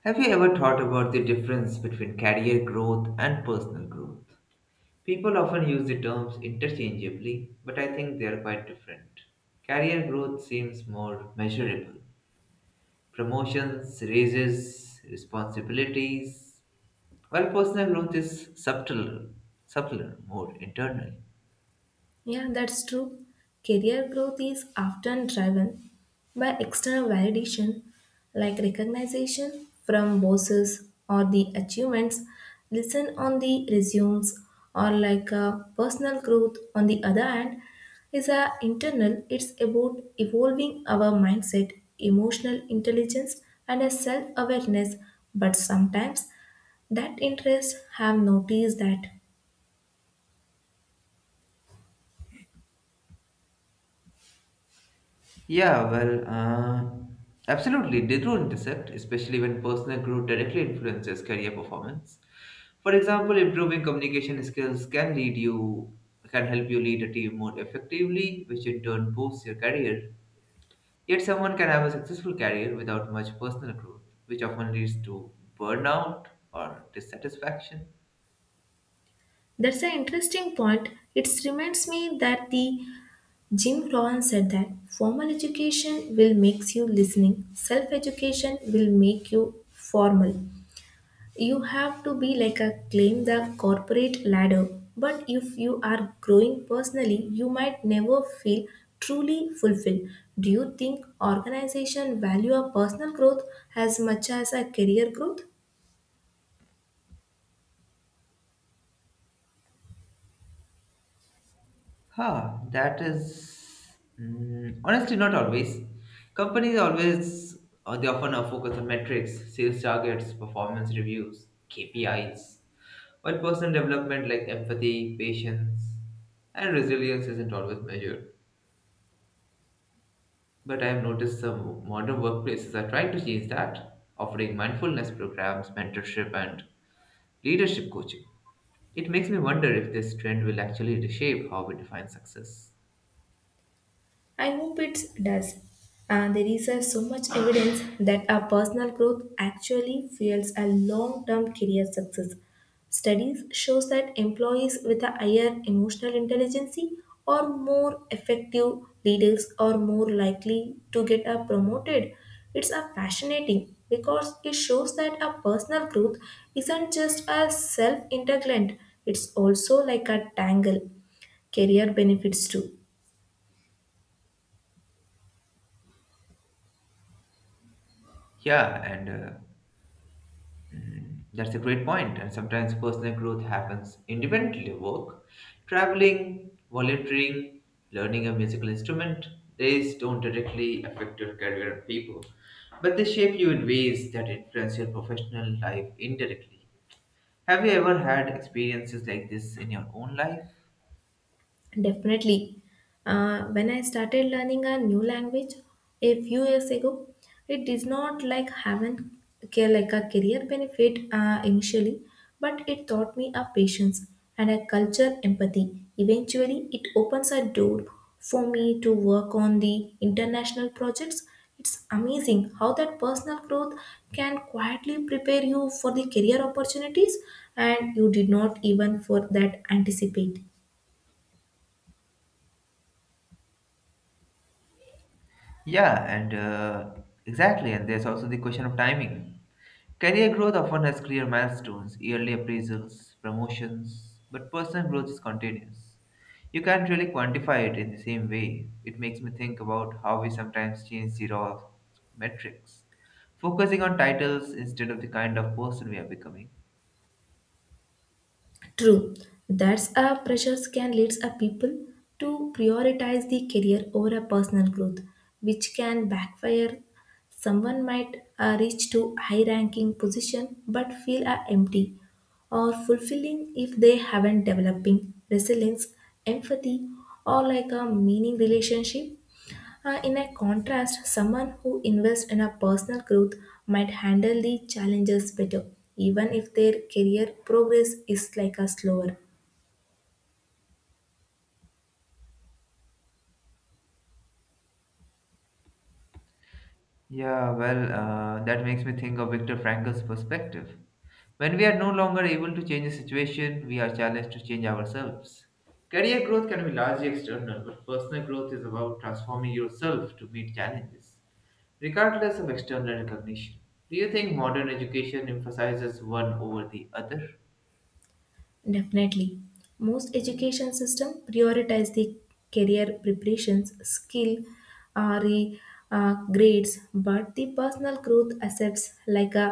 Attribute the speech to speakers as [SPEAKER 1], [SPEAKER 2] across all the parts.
[SPEAKER 1] Have you ever thought about the difference between career growth and personal growth? People often use the terms interchangeably, but I think they are quite different. Career growth seems more measurable promotions, raises, responsibilities, while personal growth is subtler, subtler, more internal.
[SPEAKER 2] Yeah, that's true. Career growth is often driven by external validation like recognition from bosses or the achievements listen on the resumes or personal growth on the other hand is a internal it's about evolving our mindset emotional intelligence and a self awareness but sometimes that interest have noticed that.
[SPEAKER 1] Yeah, well, uh, absolutely. They do intercept, especially when personal growth directly influences career performance. For example, improving communication skills can lead you can help you lead a team more effectively, which in turn boosts your career. Yet someone can have a successful career without much personal growth, which often leads to burnout or dissatisfaction.
[SPEAKER 2] That's an interesting point. It reminds me that the Jim Rohn said that formal education will make you listening, self education will make you formal. You have to be like a climb the corporate ladder. But if you are growing personally, you might never feel truly fulfilled. Do you think organization value a personal growth as much as a career growth?
[SPEAKER 1] That is honestly not always. Companies always they often are focused on metrics, sales targets, performance reviews, KPIs, while personal development like empathy, patience, and resilience isn't always measured. But I have noticed some modern workplaces are trying to change that, offering mindfulness programs, mentorship, and leadership coaching. It makes me wonder if this trend will actually reshape how we define success.
[SPEAKER 2] I hope it does. And there is so much evidence that our personal growth actually fuels a long-term career success. Studies shows that employees with a higher emotional intelligence are more effective leaders are more likely to get a promoted. It's a fascinating because it shows that a personal growth isn't just a self-integrant, it's also like a tangle career benefits too.
[SPEAKER 1] Yeah, and That's a great point. And sometimes personal growth happens independently of work. Traveling, volunteering, learning a musical instrument, these don't directly affect your career and people, but they shape you in ways that influence your professional life indirectly. Have you ever had experiences like this in your own life?
[SPEAKER 2] Definitely. When I started learning a new language a few years ago, it did not like having like a career benefit initially, but it taught me a patience and a culture empathy. Eventually, it opens a door for me to work on the international projects. It's amazing how that personal growth can quietly prepare you for the career opportunities and you did not even for that anticipate.
[SPEAKER 1] Yeah, and exactly. And there's also the question of timing. Career growth often has clear milestones, yearly appraisals, promotions, but personal growth is continuous. You can't really quantify it in the same way. It makes me think about how we sometimes change the raw metrics, focusing on titles instead of the kind of person we are becoming.
[SPEAKER 2] True, that's a pressures can lead a people to prioritize the career over a personal growth, which can backfire. Someone might reach to high-ranking position but feel empty or fulfilling if they haven't developing resilience, empathy, or like a meaning relationship in a contrast, someone who invests in a personal growth might handle the challenges better, even if their career progress is like a slower.
[SPEAKER 1] That makes me think of Viktor Frankl's perspective. When we are no longer able to change the situation, we are challenged to change ourselves. Career growth can be largely external, but personal growth is about transforming yourself to meet challenges, regardless of external recognition. Do you think modern education emphasizes one over the other?
[SPEAKER 2] Definitely. Most education system prioritize the career preparations, skill, RE, grades, but the personal growth accepts like a,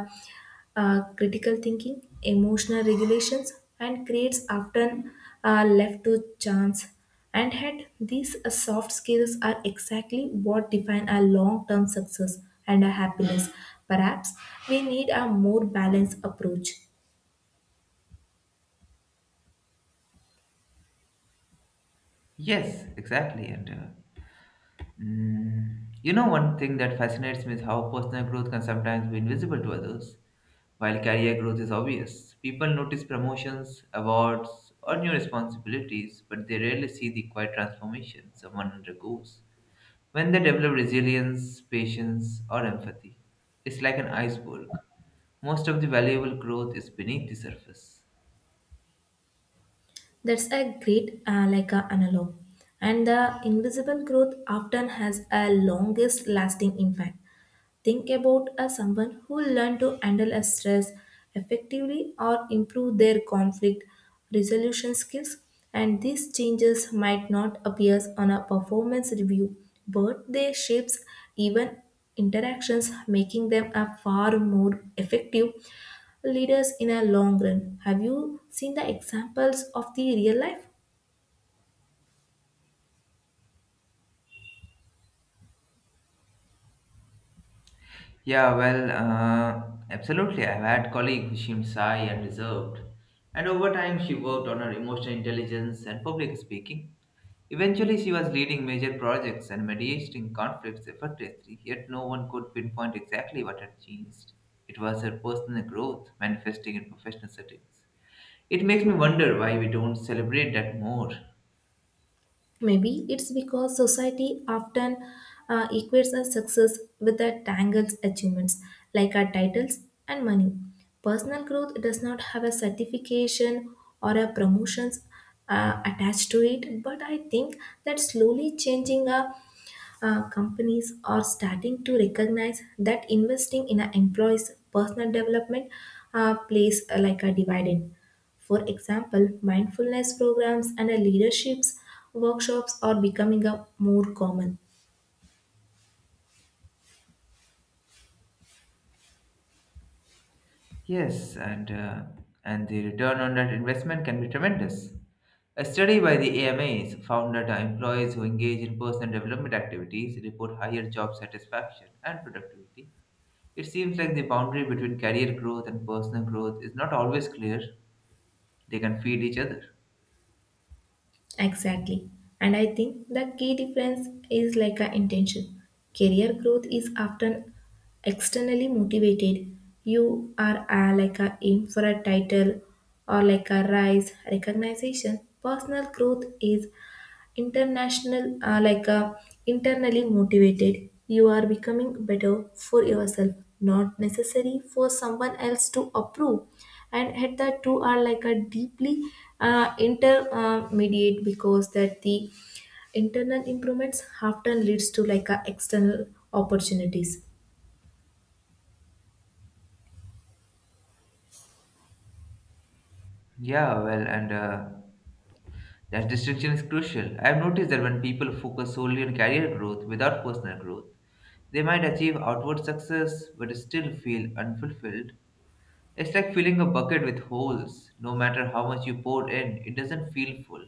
[SPEAKER 2] critical thinking, emotional regulations, and grades often are left to chance. And yet, these soft skills are exactly what define our long-term success and our happiness. Perhaps we need a more balanced approach.
[SPEAKER 1] Yes, exactly. You know, one thing that fascinates me is how personal growth can sometimes be invisible to others. While career growth is obvious, people notice promotions, awards, or new responsibilities, but they rarely see the quiet transformation someone undergoes when they develop resilience, patience, or empathy. It's like an iceberg. Most of the valuable growth is beneath the surface.
[SPEAKER 2] That's a great like a analog. And the invisible growth often has a longest lasting impact. Think about a someone who learned to handle a stress effectively or improve their conflict resolution skills. And these changes might not appear on a performance review, but they shapes even interactions, making them a far more effective leaders in a long run. Have you seen the examples of the real life?
[SPEAKER 1] Absolutely. I've had colleague who seemed shy and reserved, and over time she worked on her emotional intelligence and public speaking. Eventually, she was leading major projects and mediating conflicts effortlessly. Yet no one could pinpoint exactly what had changed. It was her personal growth manifesting in professional settings. It makes me wonder why we don't celebrate that more.
[SPEAKER 2] Maybe it's because society often equates our success with our tangles achievements, like our titles and money. Personal growth does not have a certification or a promotions attached to it, but I think that slowly changing our companies are starting to recognize that investing in our employees' personal development plays like a dividend. For example, mindfulness programs and leaderships workshops are becoming a more common.
[SPEAKER 1] Yes, and uh, and the return on that investment can be tremendous. A study by the AMAs found that employees who engage in personal development activities report higher job satisfaction and productivity. It seems like the boundary between career growth and personal growth is not always clear. They can feed each other.
[SPEAKER 2] Exactly. And I think the key difference is like a intention. Career growth is often externally motivated. You are like a aim for a title or like a rise recognition. Personal growth is international internally motivated you are becoming better for yourself not necessary for someone else to approve and at that two are like a deeply intermediate because that the internal improvements often leads to like a external opportunities.
[SPEAKER 1] Yeah, well, and that distinction is crucial. I've noticed that when people focus solely on career growth without personal growth, they might achieve outward success but still feel unfulfilled. It's like filling a bucket with holes. No matter how much you pour in, it doesn't feel full.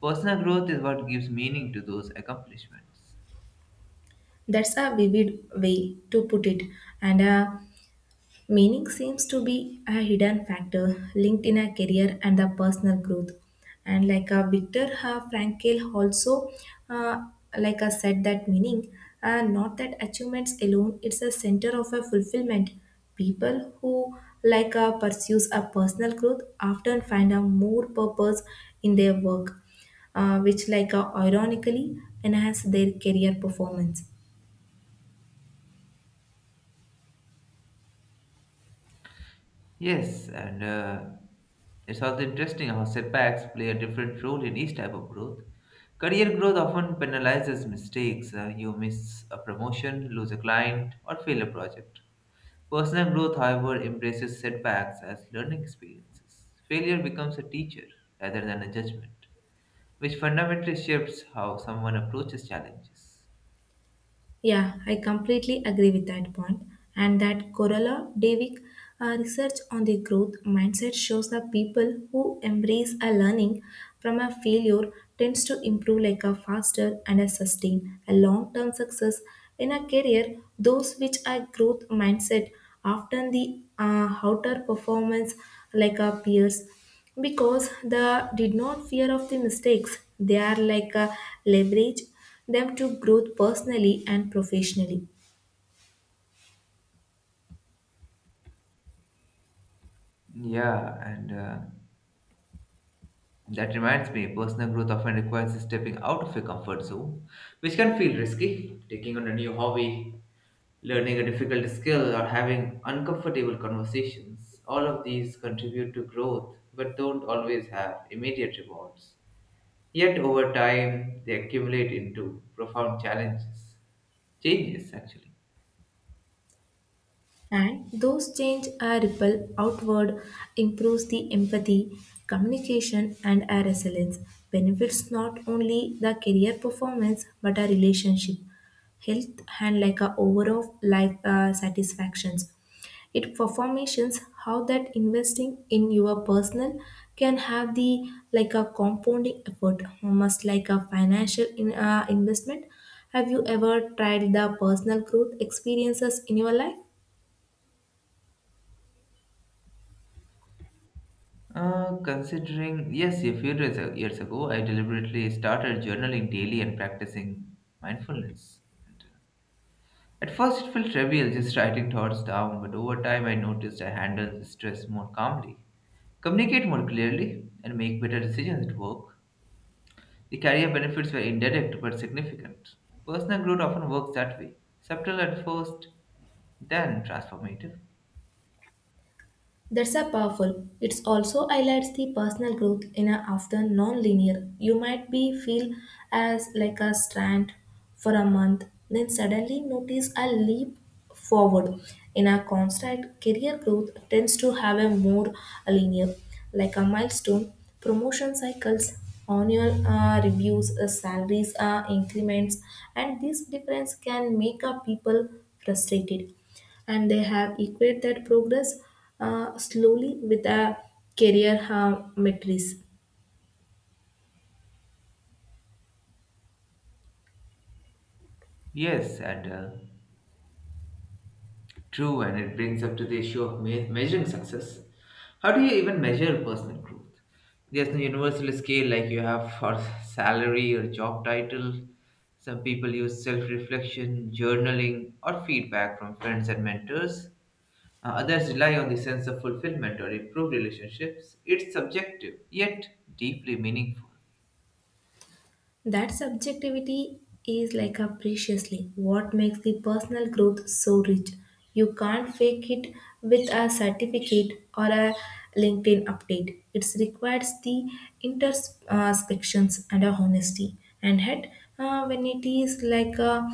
[SPEAKER 1] Personal growth is what gives meaning to those accomplishments.
[SPEAKER 2] That's a vivid way to put it and meaning seems to be a hidden factor linked in a career and the personal growth. And like a Viktor Frankl also uh, like I said that meaning, not that achievements alone, it's a center of a fulfillment. People who pursues a personal growth often find a more purpose in their work, which like ironically enhance their career performance.
[SPEAKER 1] Yes, and it's also interesting how setbacks play a different role in each type of growth. Career growth often penalizes mistakes. You miss a promotion, lose a client, or fail a project. Personal growth, however, embraces setbacks as learning experiences. Failure becomes a teacher rather than a judgment, which fundamentally shifts how someone approaches challenges.
[SPEAKER 2] Yeah, I completely agree with that point. And that Corolla Davick research on the growth mindset shows that people who embrace a learning from a failure tends to improve like a faster and a sustain a long-term success in a career. Those which are growth mindset often the outer performance like our peers because they did not fear of the mistakes they are like a leverage them to growth personally and professionally.
[SPEAKER 1] Yeah, and that reminds me, personal growth often requires stepping out of your comfort zone, which can feel risky. Taking on a new hobby, learning a difficult skill, or having uncomfortable conversations, all of these contribute to growth but don't always have immediate rewards. Yet, over time, they accumulate into profound challenges, changes actually.
[SPEAKER 2] And those change a ripple outward, improves the empathy, communication, and our resilience. Benefits not only the career performance but our relationship, health, and like a overall life satisfactions. It performations how that investing in your personal can have the like a compounding effort, almost like a financial investment. Have you ever tried the personal growth experiences in your life?
[SPEAKER 1] Considering, yes, a few years ago, I deliberately started journaling daily and practicing mindfulness. At first, it felt trivial, just writing thoughts down, but over time, I noticed I handled stress more calmly, communicate more clearly, and make better decisions at work. The career benefits were indirect but significant. Personal growth often works that way, subtle at first, then transformative.
[SPEAKER 2] That's a powerful. It's also highlights the personal growth in a often non-linear. You might be feel as like a strand for a month, then suddenly notice a leap forward. In a constant career growth tends to have a more linear, like a milestone, promotion cycles, annual reviews, salaries increments, and this difference can make a people frustrated and they have equated that progress slowly with a career matrix.
[SPEAKER 1] Yes, and True, and it brings up to the issue of measuring success. How do you even measure personal growth? There's no universal scale like you have for salary or job title. Some people use self reflection, journaling, or feedback from friends and mentors. Others rely on the sense of fulfillment or improved relationships. It's subjective, yet deeply meaningful.
[SPEAKER 2] That subjectivity is like a preciously what makes the personal growth so rich. You can't fake it with a certificate or a LinkedIn update. It requires the intersections and a honesty. And yet, uh, when it is like a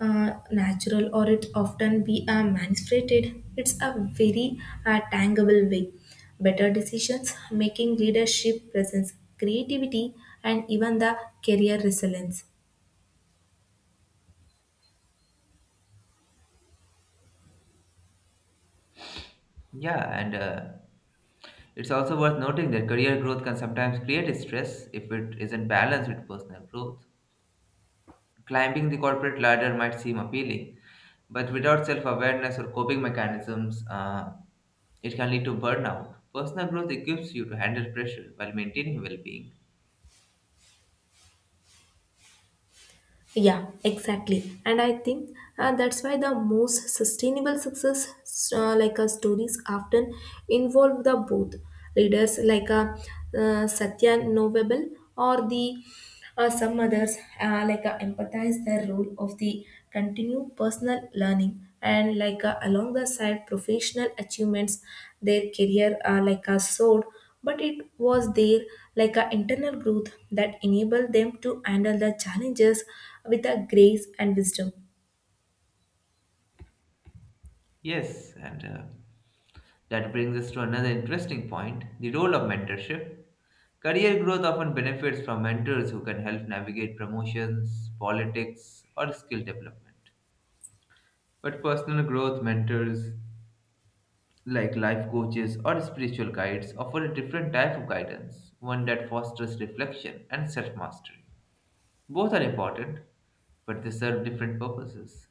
[SPEAKER 2] uh, natural or it often be manifested, it's a very tangible way better decisions making, leadership presence, creativity, and even the career resilience.
[SPEAKER 1] Yeah, and it's also worth noting that career growth can sometimes create stress if it isn't balanced with personal growth. Climbing the corporate ladder might seem appealing, but without self awareness or coping mechanisms, it can lead to burnout. Personal growth equips you to handle pressure while maintaining well being.
[SPEAKER 2] Yeah, exactly. And I think that's why the most sustainable success, stories, often involve the both leaders, like Satya Novable or the some others, empathize their role of the continued personal learning and along the side professional achievements, their career, soared but it was there like an internal growth that enabled them to handle the challenges with a grace and wisdom.
[SPEAKER 1] Yes, and that brings us to another interesting point the role of mentorship. Career growth often benefits from mentors who can help navigate promotions, politics, or skill development. But personal growth mentors like life coaches or spiritual guides, offer a different type of guidance, one that fosters reflection and self mastery. Both are important, but they serve different purposes.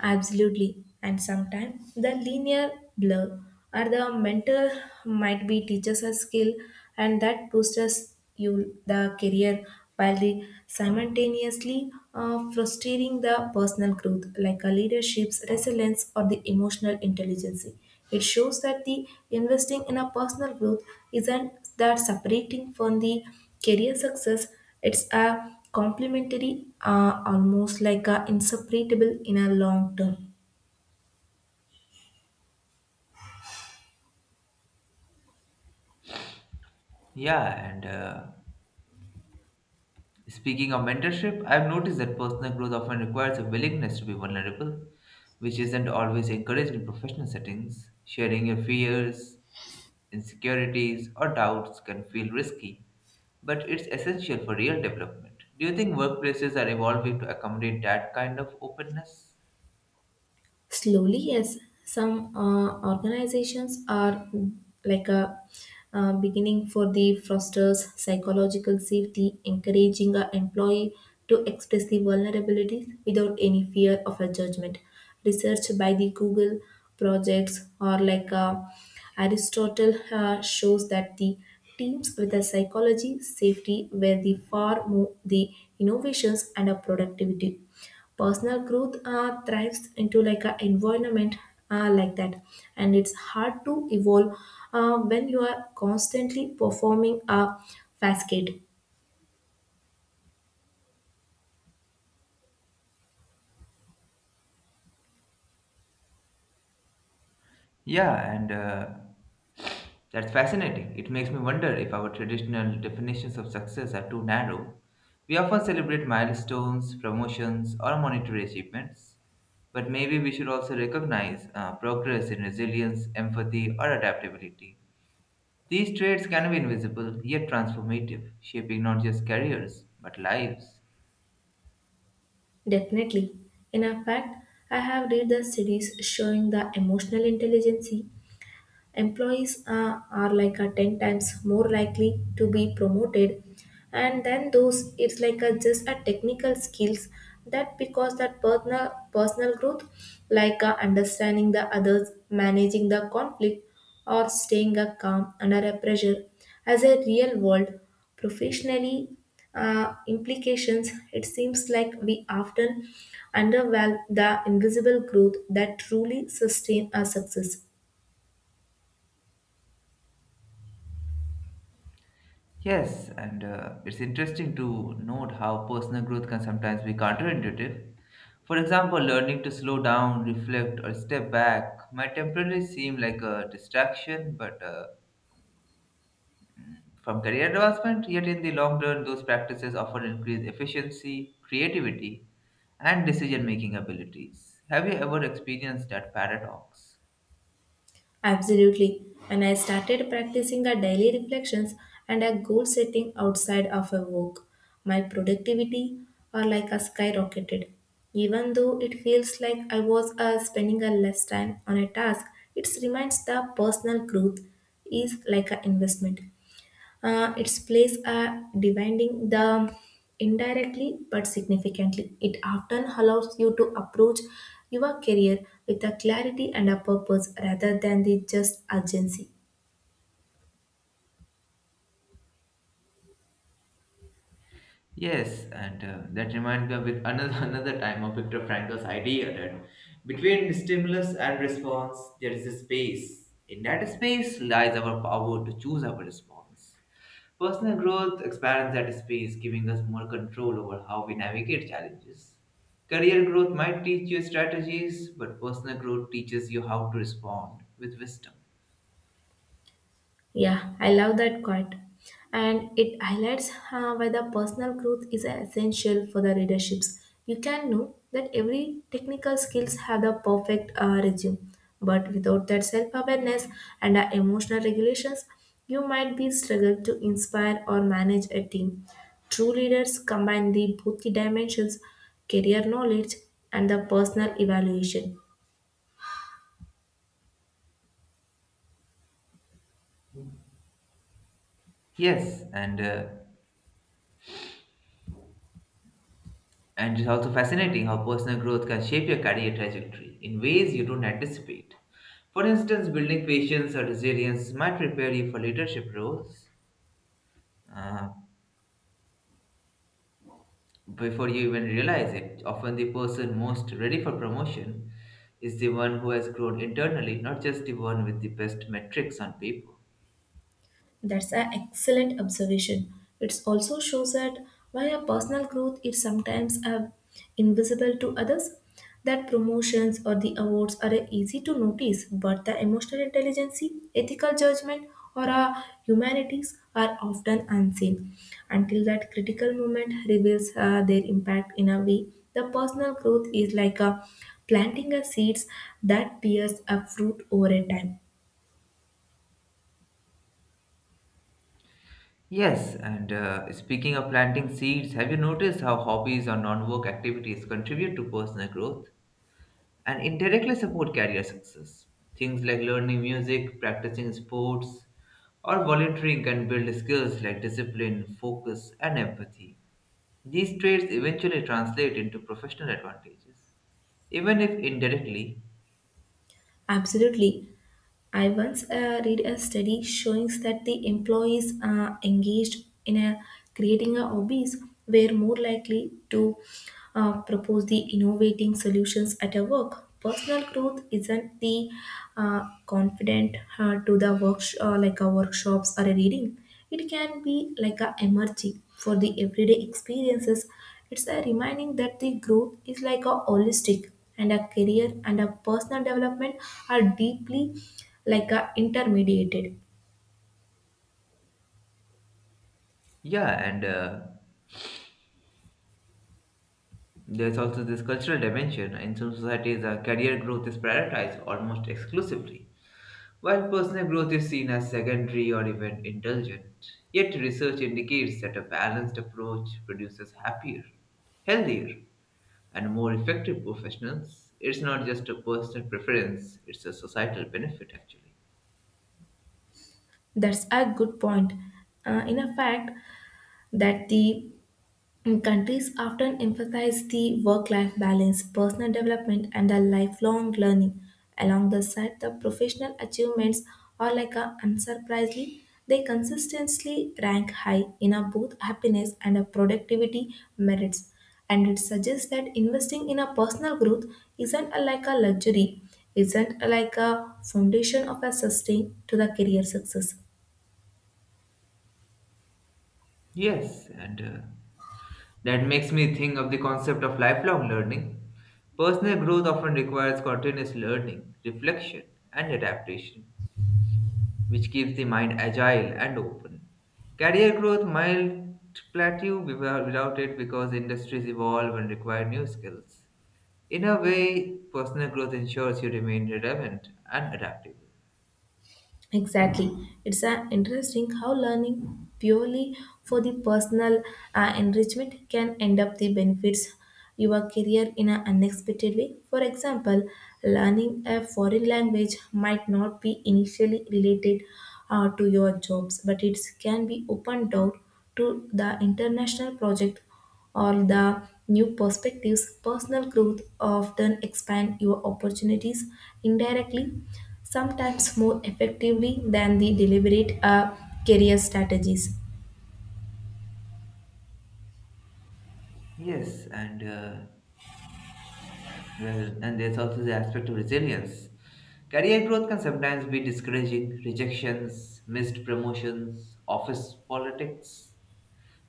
[SPEAKER 2] Absolutely. And sometimes the linear blur or the mentor might be teaches a skill and that boosts you the career while the simultaneously frustrating the personal growth like a leadership's resilience or the emotional intelligence. It shows that the investing in a personal growth isn't that separating from the career success it's a complementary, almost like a inseparable in a long term.
[SPEAKER 1] Yeah, and Speaking of mentorship, I've noticed that personal growth often requires a willingness to be vulnerable, which isn't always encouraged in professional settings. Sharing your fears, insecurities, or doubts can feel risky, but it's essential for real development. Do you think workplaces are evolving to accommodate that kind of openness?
[SPEAKER 2] Slowly, yes. Some organizations are like a beginning for the fosters psychological safety, encouraging a employee to express the vulnerabilities without any fear of a judgment. Research by the Google projects or Aristotle shows that the teams with a psychology safety were the far more the innovations and a productivity personal growth thrives into like an environment like that and it's hard to evolve when you are constantly performing a facade.
[SPEAKER 1] Yeah, and That's fascinating. It makes me wonder if our traditional definitions of success are too narrow. We often celebrate milestones, promotions, or monetary achievements, but maybe we should also recognize progress in resilience, empathy, or adaptability. These traits can be invisible yet transformative, shaping not just careers but lives.
[SPEAKER 2] Definitely in a fact I have read the series showing the emotional intelligence employees are like a 10 times more likely to be promoted, and then those it's like a just a technical skills that because that personal growth understanding the others, managing the conflict, or staying calm under a pressure as a real world professionally implications it seems like we often undervalue the invisible growth that truly sustain our success.
[SPEAKER 1] Yes, and it's interesting to note how personal growth can sometimes be counterintuitive. For example, learning to slow down, reflect, or step back might temporarily seem like a distraction, but from career advancement, yet in the long run, those practices often increase efficiency, creativity, and decision making abilities. Have you ever experienced that paradox?
[SPEAKER 2] Absolutely. When I started practicing a daily reflections and a goal setting outside of a work, my productivity are like a skyrocketed. Even though it feels like I was spending a less time on a task, it reminds the personal growth is like an investment. Its place are dividing the indirectly but significantly. It often allows you to approach your career with a clarity and a purpose rather than the just urgency.
[SPEAKER 1] Yes, and that reminds me of another another time of Viktor Frankl's idea that between stimulus and response there is a space. In that space lies our power to choose our response. Personal growth expands that space, giving us more control over how we navigate challenges. Career growth might teach you strategies, but personal growth teaches you how to respond with wisdom.
[SPEAKER 2] Yeah, I love that quote. And it highlights why the personal growth is essential for the readerships. You can know that every technical skills have the perfect resume, but without that self-awareness and emotional regulations, you might be struggled to inspire or manage a team. True leaders combine the both the dimensions, career knowledge and the personal evaluation.
[SPEAKER 1] Yes, and uh, And it's also fascinating how personal growth can shape your career trajectory in ways you don't anticipate. For instance, building patience or resilience might prepare you for leadership roles uh, before you even realize it. Often, the person most ready for promotion is the one who has grown internally, not just the one with the best metrics on paper.
[SPEAKER 2] That's an excellent observation. It also shows that why our personal growth is sometimes invisible to others, that promotions or the awards are easy to notice, but the emotional intelligence, ethical judgment, or our humanities are often unseen until that critical moment reveals their impact in a way. The personal growth is like a planting a seeds that bears a fruit over a time.
[SPEAKER 1] Yes, and speaking of planting seeds, have you noticed how hobbies or non work activities contribute to personal growth and indirectly support career success? Things like learning music, practicing sports, or volunteering can build skills like discipline, focus, and empathy. These traits eventually translate into professional advantages, even if indirectly.
[SPEAKER 2] Absolutely. I once read a study showing that the employees engaged in a, creating a hobbies were more likely to propose the innovating solutions at a work. Personal growth isn't the confident to the work like a workshops or a reading. It can be like a emoji for the everyday experiences. It's a reminding that the growth is like a holistic and a career and a personal development are deeply like a intermediated.
[SPEAKER 1] Yeah, and there's also this cultural dimension. In some societies, career growth is prioritized almost exclusively. While personal growth is seen as secondary or even indulgent, yet research indicates that a balanced approach produces happier, healthier, and more effective professionals. It's not just a personal preference, it's a societal benefit actually.
[SPEAKER 2] That's a good point. In a fact, that the and countries often emphasize the work life balance, personal development, and the lifelong learning. Along the side, the professional achievements are like a unsurprisingly, they consistently rank high in a both happiness and a productivity merits. And it suggests that investing in a personal growth isn't a, like a luxury, isn't a, like a foundation of a sustain to the career success.
[SPEAKER 1] Yes, and that makes me think of the concept of lifelong learning. Personal growth often requires continuous learning, reflection, and adaptation, which keeps the mind agile and open. Career growth might plateau without it because industries evolve and require new skills. In a way, personal growth ensures you remain relevant and adaptable.
[SPEAKER 2] Exactly. It's interesting how learning purely for the personal enrichment can end up the benefits your career in an unexpected way. For example, learning a foreign language might not be initially related to your jobs, but it can be open door to the international project or the new perspectives, personal growth often expand your opportunities indirectly, sometimes more effectively than the deliberate career strategies.
[SPEAKER 1] Yes, and uh, and there's also the aspect of resilience. Career growth can sometimes be discouraging, rejections, missed promotions, office politics.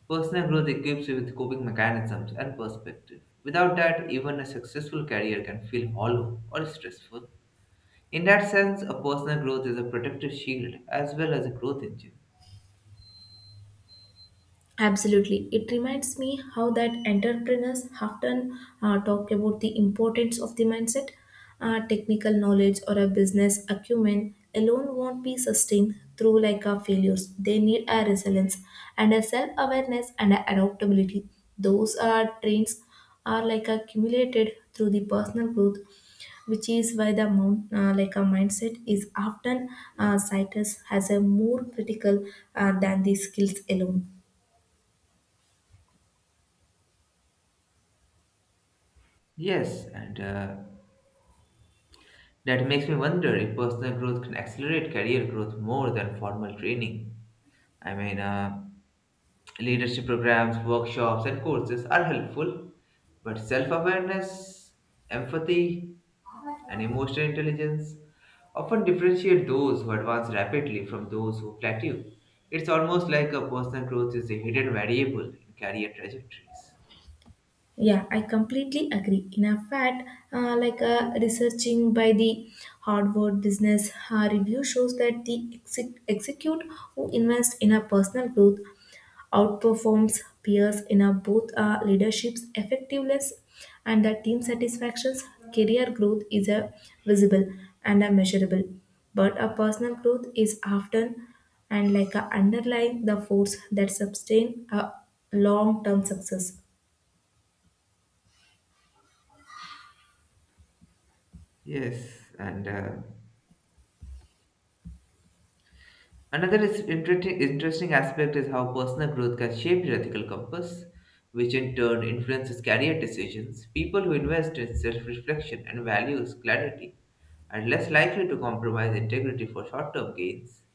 [SPEAKER 1] Personal growth equips you with coping mechanisms and perspective. Without that, even a successful career can feel hollow or stressful. In that sense, a personal growth is a protective shield as well as a growth engine.
[SPEAKER 2] Absolutely. It reminds me how that entrepreneurs often talk about the importance of the mindset. Technical knowledge or a business acumen alone won't be sustained through like a failures. They need a resilience and a self-awareness and a adaptability. Those are traits are like accumulated through the personal growth, which is why the mount, like a mindset is often cited as a more critical than the skills alone.
[SPEAKER 1] Yes, and that makes me wonder if personal growth can accelerate career growth more than formal training. I mean, uh, leadership programs, workshops, and courses are helpful, but self awareness, empathy, and emotional intelligence often differentiate those who advance rapidly from those who plateau. It's almost like a personal growth is a hidden variable in career trajectories.
[SPEAKER 2] Yeah, I completely agree. In a fact, researching by the Harvard Business Review shows that the execute who invest in a personal growth outperforms peers in a both leadership's effectiveness and the team satisfactions. Career growth is a visible and a measurable, but a personal growth is often and like a underlying the force that sustain a long-term success.
[SPEAKER 1] Yes, and Another is interesting aspect is how personal growth can shape your ethical compass, which in turn influences career decisions. People who invest in self reflection and values clarity are less likely to compromise integrity for short term gains.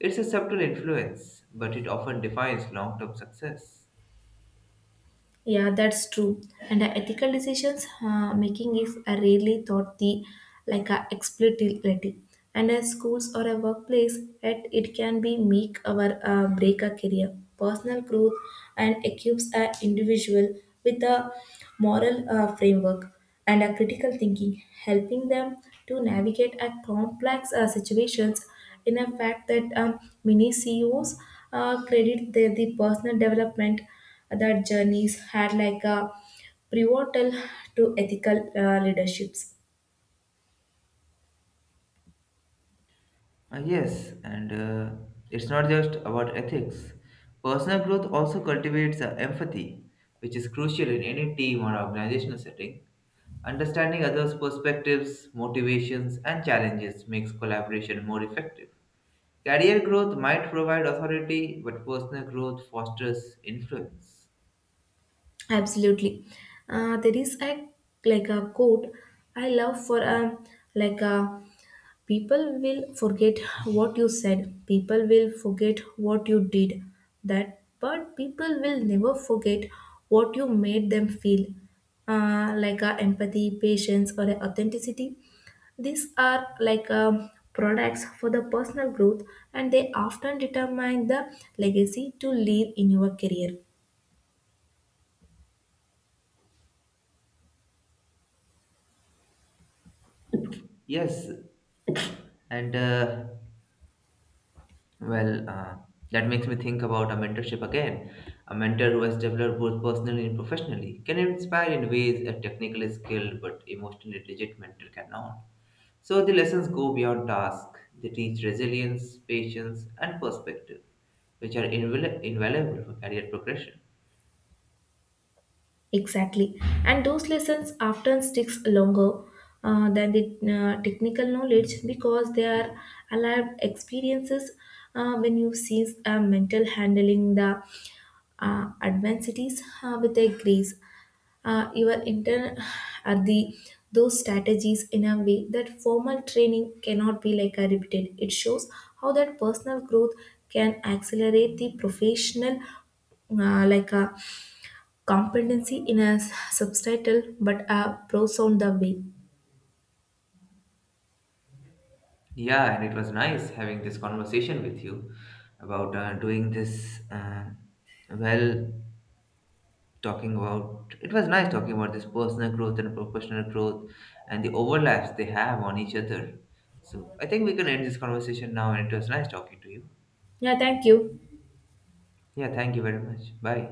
[SPEAKER 1] It's a subtle influence, but it often defines long term success.
[SPEAKER 2] Yeah, that's true. And the ethical decisions making is a rarely thought the like a explicitly. And as schools or a workplace, it can be make our break a career, personal growth, and equips an individual with a moral framework and a critical thinking, helping them to navigate a complex situations. In a fact that many CEOs credit their the personal development that journeys had like a pivotal to ethical leaderships.
[SPEAKER 1] Yes, and it's not just about ethics. Personal growth also cultivates empathy, which is crucial in any team or organizational setting. Understanding others' perspectives, motivations, and challenges makes collaboration more effective. Career growth might provide authority, but personal growth fosters influence.
[SPEAKER 2] Absolutely, there is a like a quote I love for like a people will forget what you said, people will forget what you did, that but people will never forget what you made them feel like a empathy, patience, or a authenticity. These are like products for the personal growth and they often determine the legacy to leave in your career.
[SPEAKER 1] Yes, and uh, Well, uh, that makes me think about a mentorship again. A mentor who has developed both personally and professionally can inspire in ways a technically skilled but emotionally rigid mentor cannot. So the lessons go beyond task. They teach resilience, patience, and perspective, which are invaluable for career progression.
[SPEAKER 2] Exactly. And those lessons often sticks longer than the technical knowledge because they are alive experiences when you see mental handling the adversities with a grace. You are inter are the those strategies in a way that formal training cannot be like a repeated. It shows how that personal growth can accelerate the professional like a competency in a subtitle but a pro sound the way.
[SPEAKER 1] Yeah, and it was nice having this conversation with you about doing this well talking about this personal growth and professional growth and the overlaps they have on each other. So I think we can end this conversation now and it was nice talking to you.
[SPEAKER 2] Yeah, thank you.
[SPEAKER 1] Yeah, thank you very much. Bye.